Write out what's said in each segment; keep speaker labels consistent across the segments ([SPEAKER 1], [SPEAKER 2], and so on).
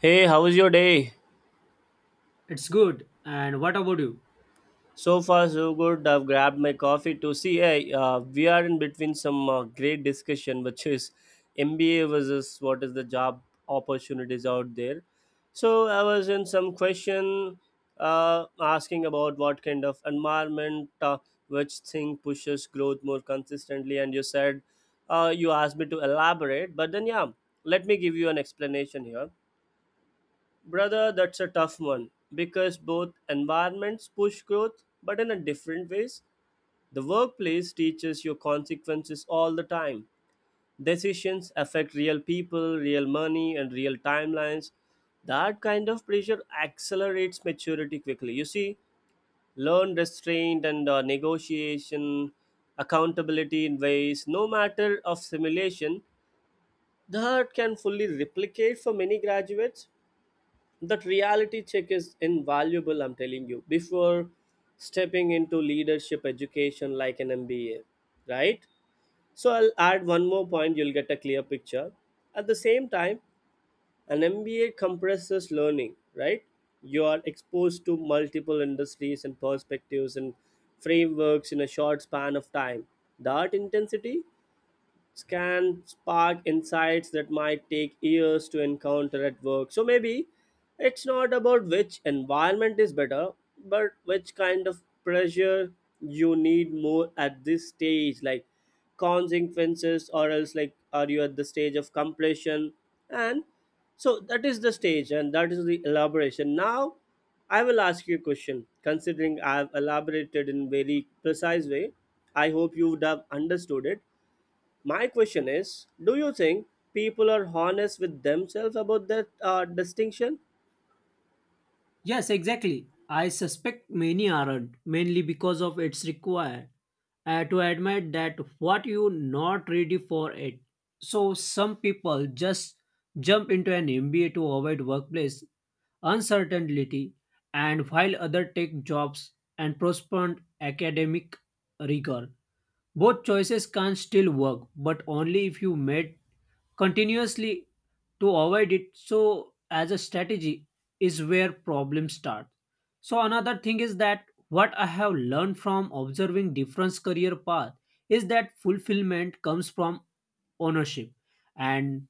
[SPEAKER 1] Hey, how was your day?
[SPEAKER 2] It's good. And what about you?
[SPEAKER 1] So far, so good. I've grabbed my coffee to see. Hey, we are in between some great discussion, which is MBA versus what is the job opportunities out there. So I was in some question asking about what kind of environment, which thing pushes growth more consistently, and you said you asked me to elaborate. But then, yeah, let me give you an explanation here. Brother, that's a tough one because both environments push growth, but in a different ways. The workplace teaches your consequences all the time. Decisions affect real people, real money, and real timelines. That kind of pressure accelerates maturity quickly. You see, learn restraint and negotiation, accountability in ways, no matter of simulation, that can fully replicate for many graduates. That reality check is invaluable. I'm telling you, before stepping into leadership education like an MBA, right? So I'll add one more point, you'll get a clear picture. At the same time, an MBA compresses learning, right? You are exposed to multiple industries and perspectives and frameworks in a short span of time. That intensity can spark insights that might take years to encounter at work. So maybe it's not about which environment is better, but which kind of pressure you need more at this stage, like consequences, or else like are you at the stage of completion? And so that is the stage, and that is the elaboration. Now, I will ask you a question. Considering I've elaborated in very precise way, I hope you would have understood it. My question is, do you think people are honest with themselves about that distinction?
[SPEAKER 2] Yes, exactly. I suspect many aren't, mainly because of it's required to admit that what you not ready for it. So some people just jump into an MBA to avoid workplace uncertainty, and while other take jobs and postpone academic rigor. Both choices can still work, but only if you made continuously to avoid it. So, as a strategy, is where problems start. So, another thing is that what I have learned from observing different career path is that fulfillment comes from ownership and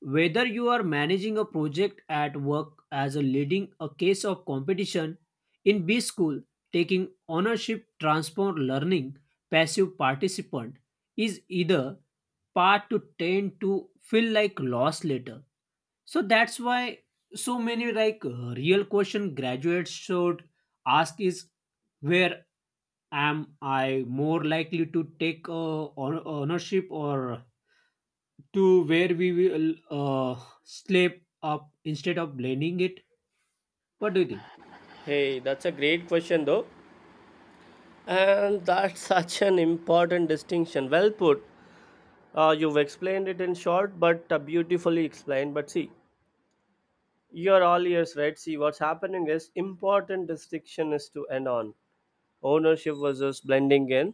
[SPEAKER 2] whether you are managing a project at work as a leading a case of competition in B school, taking ownership, transform learning, passive participant is either part to tend to feel like loss later. So that's why so many like real question graduates should ask is where am I more likely to take ownership or to where we will slip up instead of blending it. What do you think?
[SPEAKER 1] Hey, that's a great question, though. And that's such an important distinction. Well put. You've explained it in short, but beautifully explained. But see, you're all ears, right? See, what's happening is important distinction is to end on ownership versus blending in.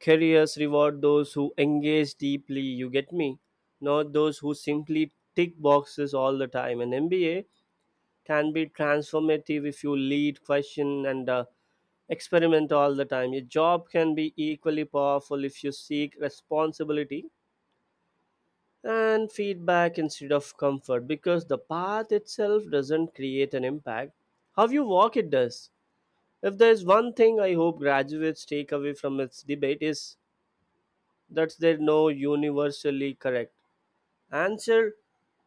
[SPEAKER 1] Careers reward those who engage deeply. You get me? Not those who simply tick boxes all the time. An MBA can be transformative if you lead, question, and experiment all the time. Your job can be equally powerful if you seek responsibility and feedback instead of comfort because the path itself doesn't create an impact. How you walk it does. If there's one thing I hope graduates take away from its debate is that there's no universally correct answer,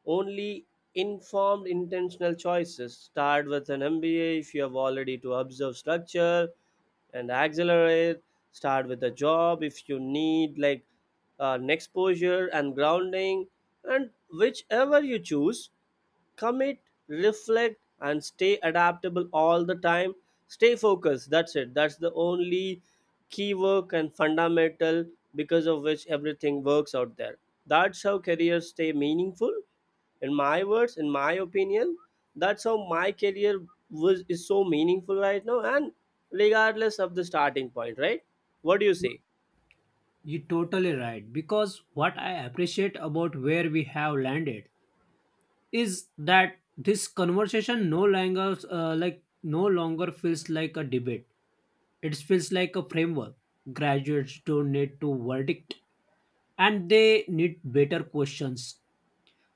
[SPEAKER 1] only informed intentional choices. Start with an MBA if you have already to observe structure and accelerate. Start with a job if you need like an exposure and grounding. And whichever you choose, commit, reflect, and stay adaptable all the time. Stay focused. That's it. That's the only key work and fundamental because of which everything works out there. That's how careers stay meaningful. In my words, in my opinion, that's how my career was is so meaningful right now, and regardless of the starting point, right? What do you say?
[SPEAKER 2] You're totally right. Because what I appreciate about where we have landed is that this conversation no longer no longer feels like a debate, it feels like a framework. Graduates don't need to verdict and they need better questions,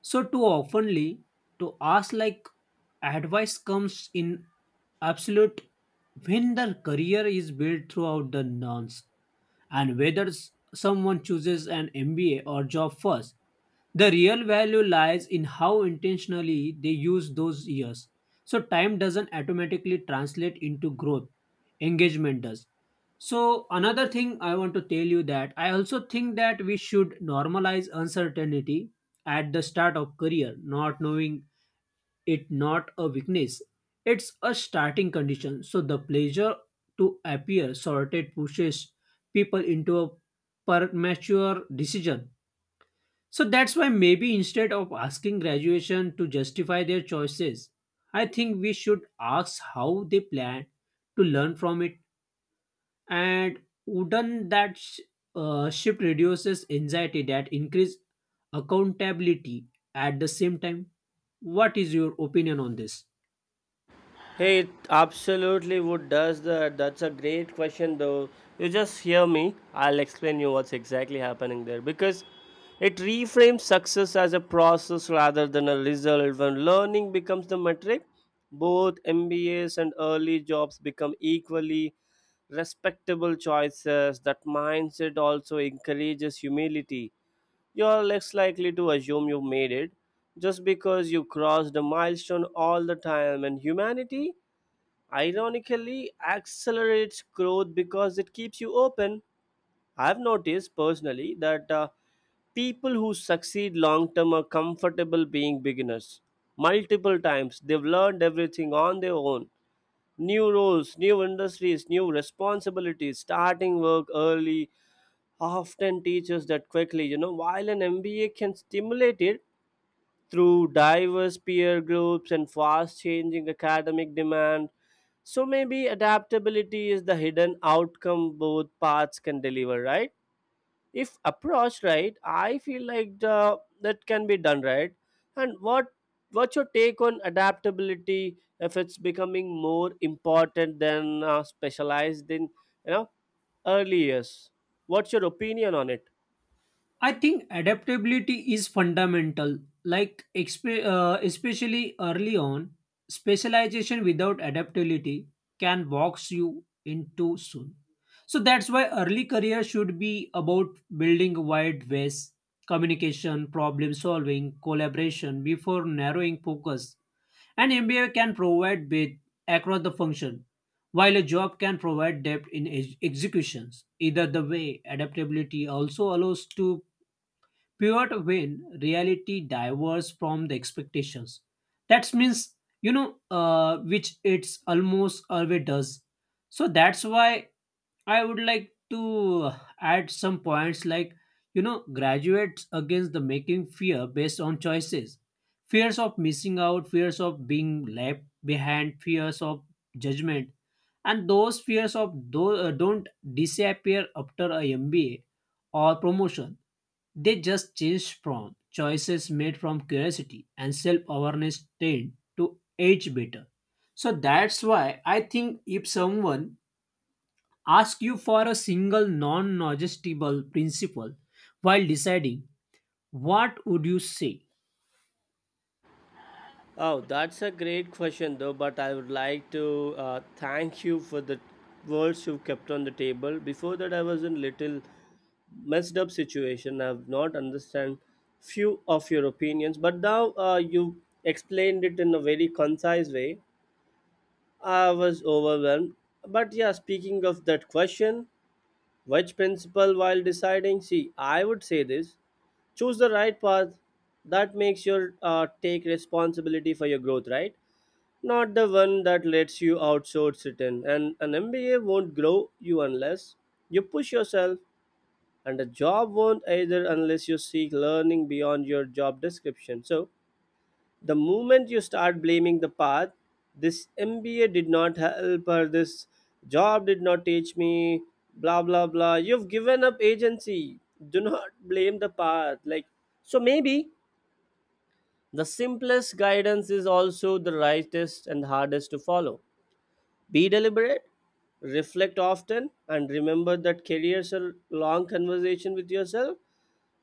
[SPEAKER 2] so too oftenly to ask like advice comes in absolute when the career is built throughout the nouns, and whether someone chooses an MBA or job first, the real value lies in how intentionally they use those years. So, time doesn't automatically translate into growth, engagement does. So, another thing I want to tell you that I also think that we should normalize uncertainty at the start of career, not knowing it not a weakness. It's a starting condition. So, the pleasure to appear sorted pushes people into a premature decision, so that's why maybe instead of asking graduation to justify their choices, I think we should ask how they plan to learn from it. And wouldn't that shift reduces anxiety that increase accountability at the same time? What is your opinion on this?
[SPEAKER 1] Hey, it absolutely would does that. That's a great question though. You just hear me. I'll explain you what's exactly happening there because it reframes success as a process rather than a result. When learning becomes the metric, both MBAs and early jobs become equally respectable choices. That mindset also encourages humility. You're less likely to assume you made it just because you crossed a milestone all the time, and humanity ironically accelerates growth because it keeps you open. I've noticed personally that people who succeed long term are comfortable being beginners. Multiple times, they've learned everything on their own: new roles, new industries, new responsibilities. Starting work early often teaches that quickly. You know, while an MBA can stimulate it, through diverse peer groups and fast changing academic demand. So maybe adaptability is the hidden outcome both paths can deliver, right? If approached right, I feel like that can be done right. And what's your take on adaptability if it's becoming more important than specialized in you know early years? What's your opinion on it?
[SPEAKER 2] I think adaptability is fundamental. Like, expe especially early on, specialization without adaptability can box you in too soon. So that's why early career should be about building wide ways, communication, problem solving, collaboration before narrowing focus. An MBA can provide width across the function, while a job can provide depth in executions. Either the way, adaptability also allows to pivot when reality diverges from the expectations. That means, you know, which it's almost always does. So that's why I would like to add some points like, you know, graduates against the making fear based on choices. Fears of missing out, fears of being left behind, fears of judgment. And those fears of don't disappear after a MBA or promotion, they just change from choices made from curiosity and self awareness tend to age better. So that's why I think if someone asks you for a single non negotiable principle while deciding, what would you say?
[SPEAKER 1] Oh, that's a great question, though. But I would like to thank you for the words you've kept on the table. Before that, I was in little messed up situation. I've not understand few of your opinions, but now you explained it in a very concise way. I was overwhelmed. But yeah, speaking of that question, which principle while deciding? See, I would say this: choose the right path. That makes your take responsibility for your growth, right? Not the one that lets you outsource it in. And an MBA won't grow you unless you push yourself, and a job won't either unless you seek learning beyond your job description. So, the moment you start blaming the path, this MBA did not help, or this job did not teach me, blah blah blah, you've given up agency. Do not blame the path. Like, so maybe the simplest guidance is also the rightest and hardest to follow. Be deliberate, reflect often, and remember that careers are long conversation with yourself.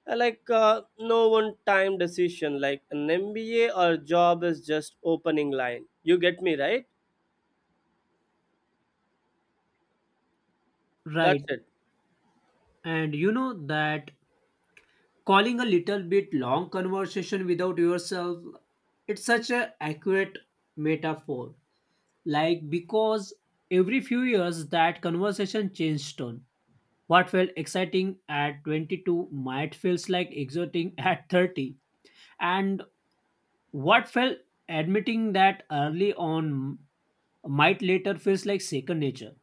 [SPEAKER 1] Like no one time decision, like an MBA or job is just opening line. You get me, right? That's
[SPEAKER 2] Right.
[SPEAKER 1] it.
[SPEAKER 2] And you know that calling a little bit long conversation without yourself, it's such a accurate metaphor. Like because every few years that conversation changed tone. What felt exciting at 22 might feels like exhorting at 30. And what felt admitting that early on might later feels like second nature.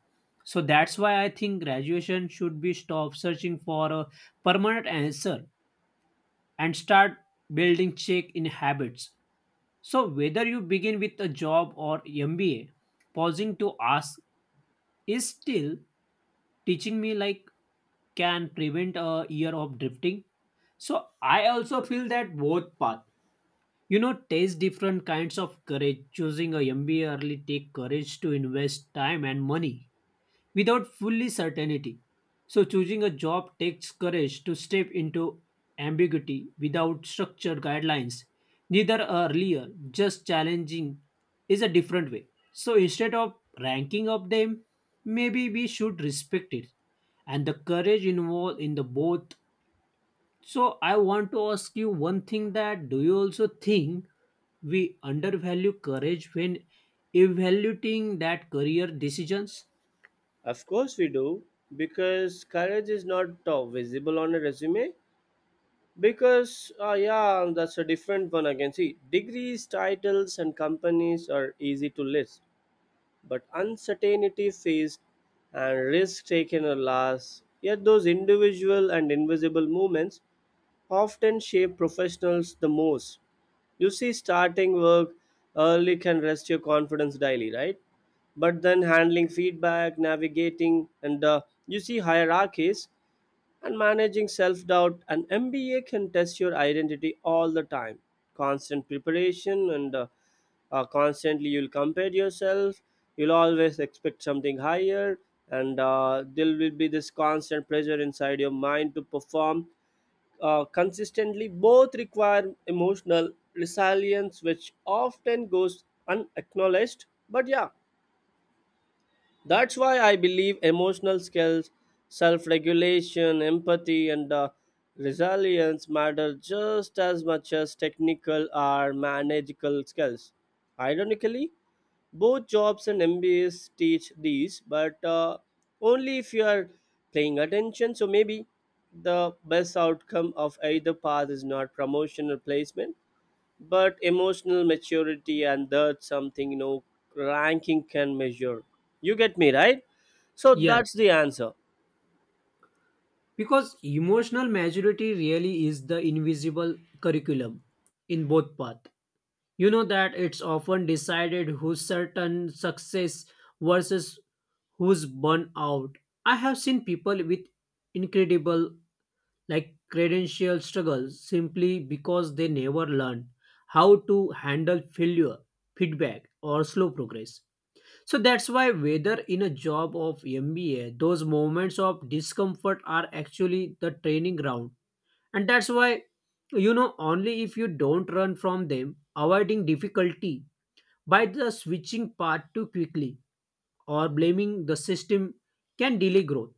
[SPEAKER 2] So that's why I think graduation should be stop searching for a permanent answer and start building check in habits. So whether you begin with a job or MBA, pausing to ask is still teaching me like can prevent a year of drifting. So I also feel that both path, you know, taste different kinds of courage. Choosing a MBA early take courage to invest time and money without fully certainty. So choosing a job takes courage to step into ambiguity without structured guidelines, neither earlier, just challenging is a different way. So instead of ranking up them, maybe we should respect it and the courage involved in the both. So I want to ask you one thing that do you also think we undervalue courage when evaluating that career decisions?
[SPEAKER 1] Of course we do, because courage is not visible on a resume. Because yeah, that's a different one again. See, degrees, titles, and companies are easy to list but uncertainty faced and risk taken are last. Yet those individual and invisible movements often shape professionals the most. You see, starting work early can rest your confidence daily, right? But then handling feedback, navigating, and you see hierarchies and managing self doubt. An MBA can test your identity all the time. Constant preparation and constantly you'll compare yourself, you'll always expect something higher, and there will be this constant pressure inside your mind to perform consistently. Both require emotional resilience, which often goes unacknowledged. But yeah, that's why I believe emotional skills, self regulation, empathy, and resilience matter just as much as technical or managerial skills. Ironically, both jobs and MBAs teach these, but only if you are paying attention. So maybe the best outcome of either path is not promotion or placement, but emotional maturity, and that's something, you know, ranking can measure. You get me, right? So that's
[SPEAKER 2] Yes.
[SPEAKER 1] the answer.
[SPEAKER 2] Because emotional maturity really is the invisible curriculum in both paths. You know that it's often decided who's certain success versus who's burnt out. I have seen people with incredible like credential struggles simply because they never learned how to handle failure, feedback or slow progress. So that's why, whether in a job of MBA, those moments of discomfort are actually the training ground. And that's why, you know, only if you don't run from them, avoiding difficulty by the switching path too quickly or blaming the system can delay growth.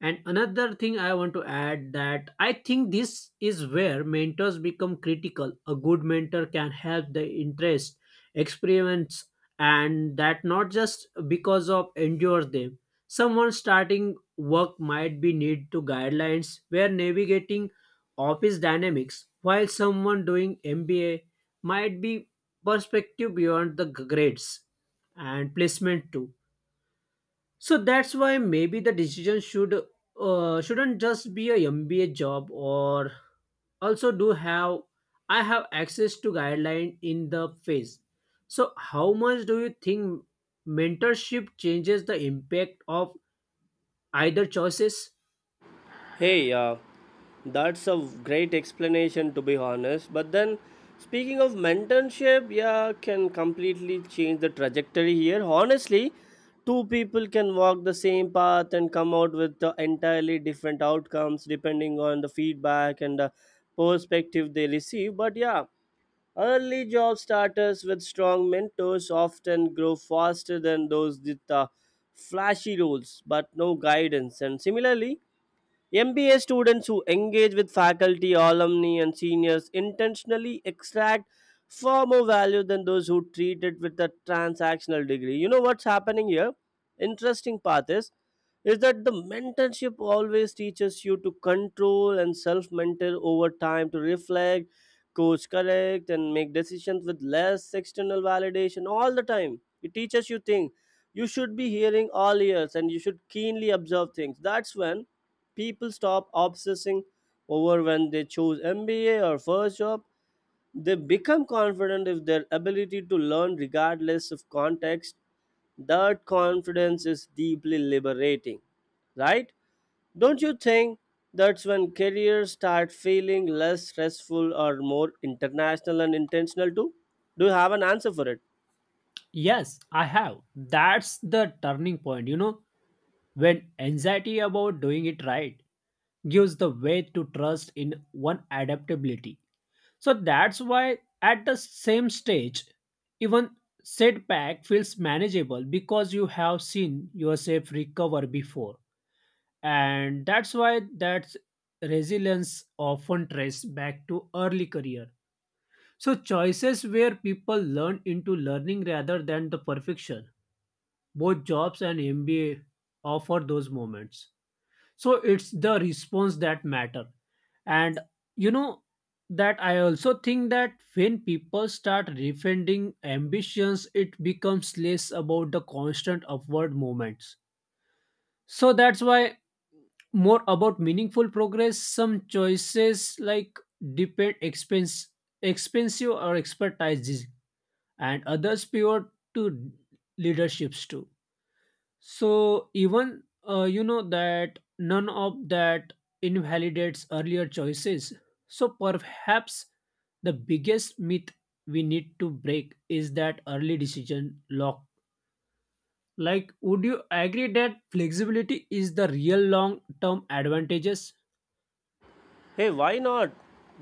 [SPEAKER 2] And another thing I want to add that I think this is where mentors become critical. A good mentor can help the interest, experiments, and that not just because of endure them. Someone starting work might be need to guidelines where navigating office dynamics, while someone doing MBA might be perspective beyond the grades and placement too. So that's why maybe the decision should shouldn't just be a MBA job or also do have I have access to guideline in the phase. So how much do you think mentorship changes the impact of either choices?
[SPEAKER 1] Hey, that's a great explanation, to be honest, but then speaking of mentorship, yeah, can completely change the trajectory here, honestly. Two people can walk the same path and come out with entirely different outcomes depending on the feedback and the perspective they receive. But yeah, early job starters with strong mentors often grow faster than those with flashy roles but no guidance. And similarly, MBA students who engage with faculty, alumni, and seniors intentionally extract far more value than those who treat it with a transactional degree. You know what's happening here? Interesting part is that the mentorship always teaches you to control and self-mentor over time to reflect, coach correct, and make decisions with less external validation all the time. It teaches you things you should be hearing all ears and you should keenly observe things. That's when people stop obsessing over when they choose MBA or first job. They become confident if their ability to learn regardless of context. That confidence is deeply liberating, right? Don't you think that's when careers start feeling less stressful or more international and intentional too? Do you have an answer for it?
[SPEAKER 2] Yes, I have. That's the turning point, you know. When anxiety about doing it right gives the way to trust in one adaptability. So that's why at the same stage, even setback feels manageable because you have seen yourself recover before. And that's why that resilience often traces back to early career. So choices where people learn into learning rather than the perfection. Both jobs and MBA offer those moments, so it's the response that matter. And you know that I also think that when people start defending ambitions it becomes less about the constant upward movements, so that's why more about meaningful progress. Some choices like depend expense expensive or expertise, and others pivot to leaderships too. So even you know that none of that invalidates earlier choices. So perhaps the biggest myth we need to break is that early decision lock. Like, would you agree that flexibility is the real long-term advantages?
[SPEAKER 1] Hey, why not?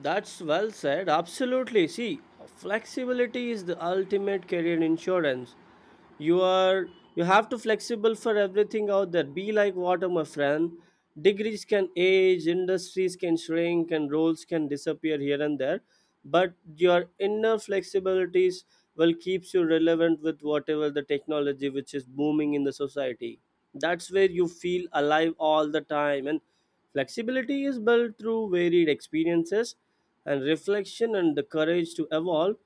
[SPEAKER 1] That's well said. Absolutely. See, flexibility is the ultimate career insurance. You are you have to flexible for everything out there. Be like water, my friend. Degrees can age, industries can shrink, and roles can disappear here and there. But your inner flexibilities will keeps you relevant with whatever the technology which is booming in the society. That's where you feel alive all the time. And flexibility is built through varied experiences and reflection and the courage to evolve.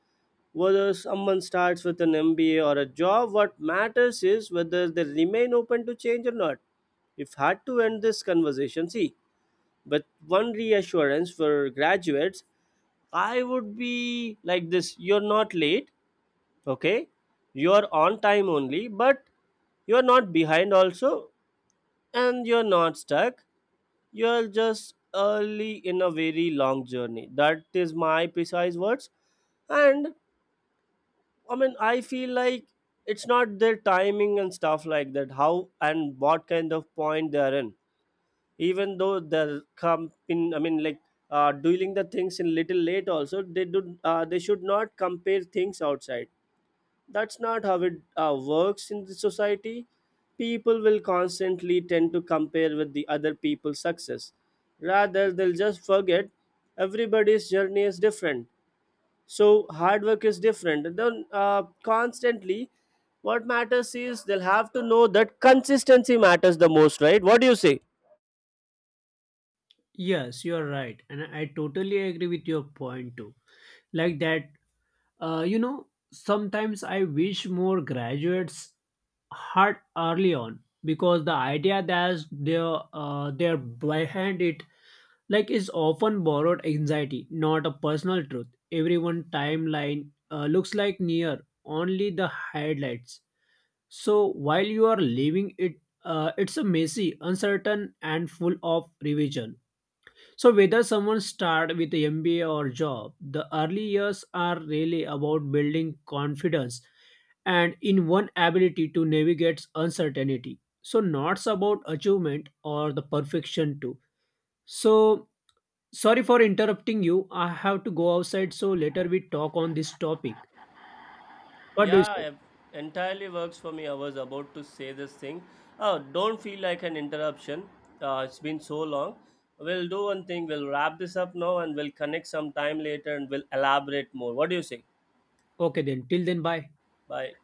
[SPEAKER 1] Whether someone starts with an MBA or a job, what matters is whether they remain open to change or not. If hard to end this conversation, see, but one reassurance for graduates I would be like this: you're not late, okay? You're on time only, but you're not behind also, and you're not stuck. You're just early in a very long journey. That is my precise words. And I mean, I feel like it's not their timing and stuff like that, how and what kind of point they are in. Even though they're come in, I mean, like doing the things in little late also, they do. They should not compare things outside. That's not how it works in the society. People will constantly tend to compare with the other people's success, rather they'll just forget everybody's journey is different. So hard work is different then constantly, what matters is they'll have to know that consistency matters the most, right? What do you say?
[SPEAKER 2] Yes, you are right, and I totally agree with your point too. Like that. You know, sometimes I wish more graduates had early on because the idea that they're behind it like is often borrowed anxiety, not a personal truth. Everyone timeline looks like near only the highlights. So while you are living it, it's a messy, uncertain, and full of revision. So whether someone start with a MBA or job, the early years are really about building confidence and in one ability to navigate uncertainty. So not about achievement or the perfection too. So sorry for interrupting you. I have to go outside. So later we talk on this topic. What do you
[SPEAKER 1] Yeah,
[SPEAKER 2] say?
[SPEAKER 1] it entirely works for me. I was about to say this thing. Oh, don't feel like an interruption. It's been so long. We'll do one thing. We'll wrap this up now and we'll connect some time later and we'll elaborate more. What do you say?
[SPEAKER 2] Okay then. Till then, bye.
[SPEAKER 1] Bye.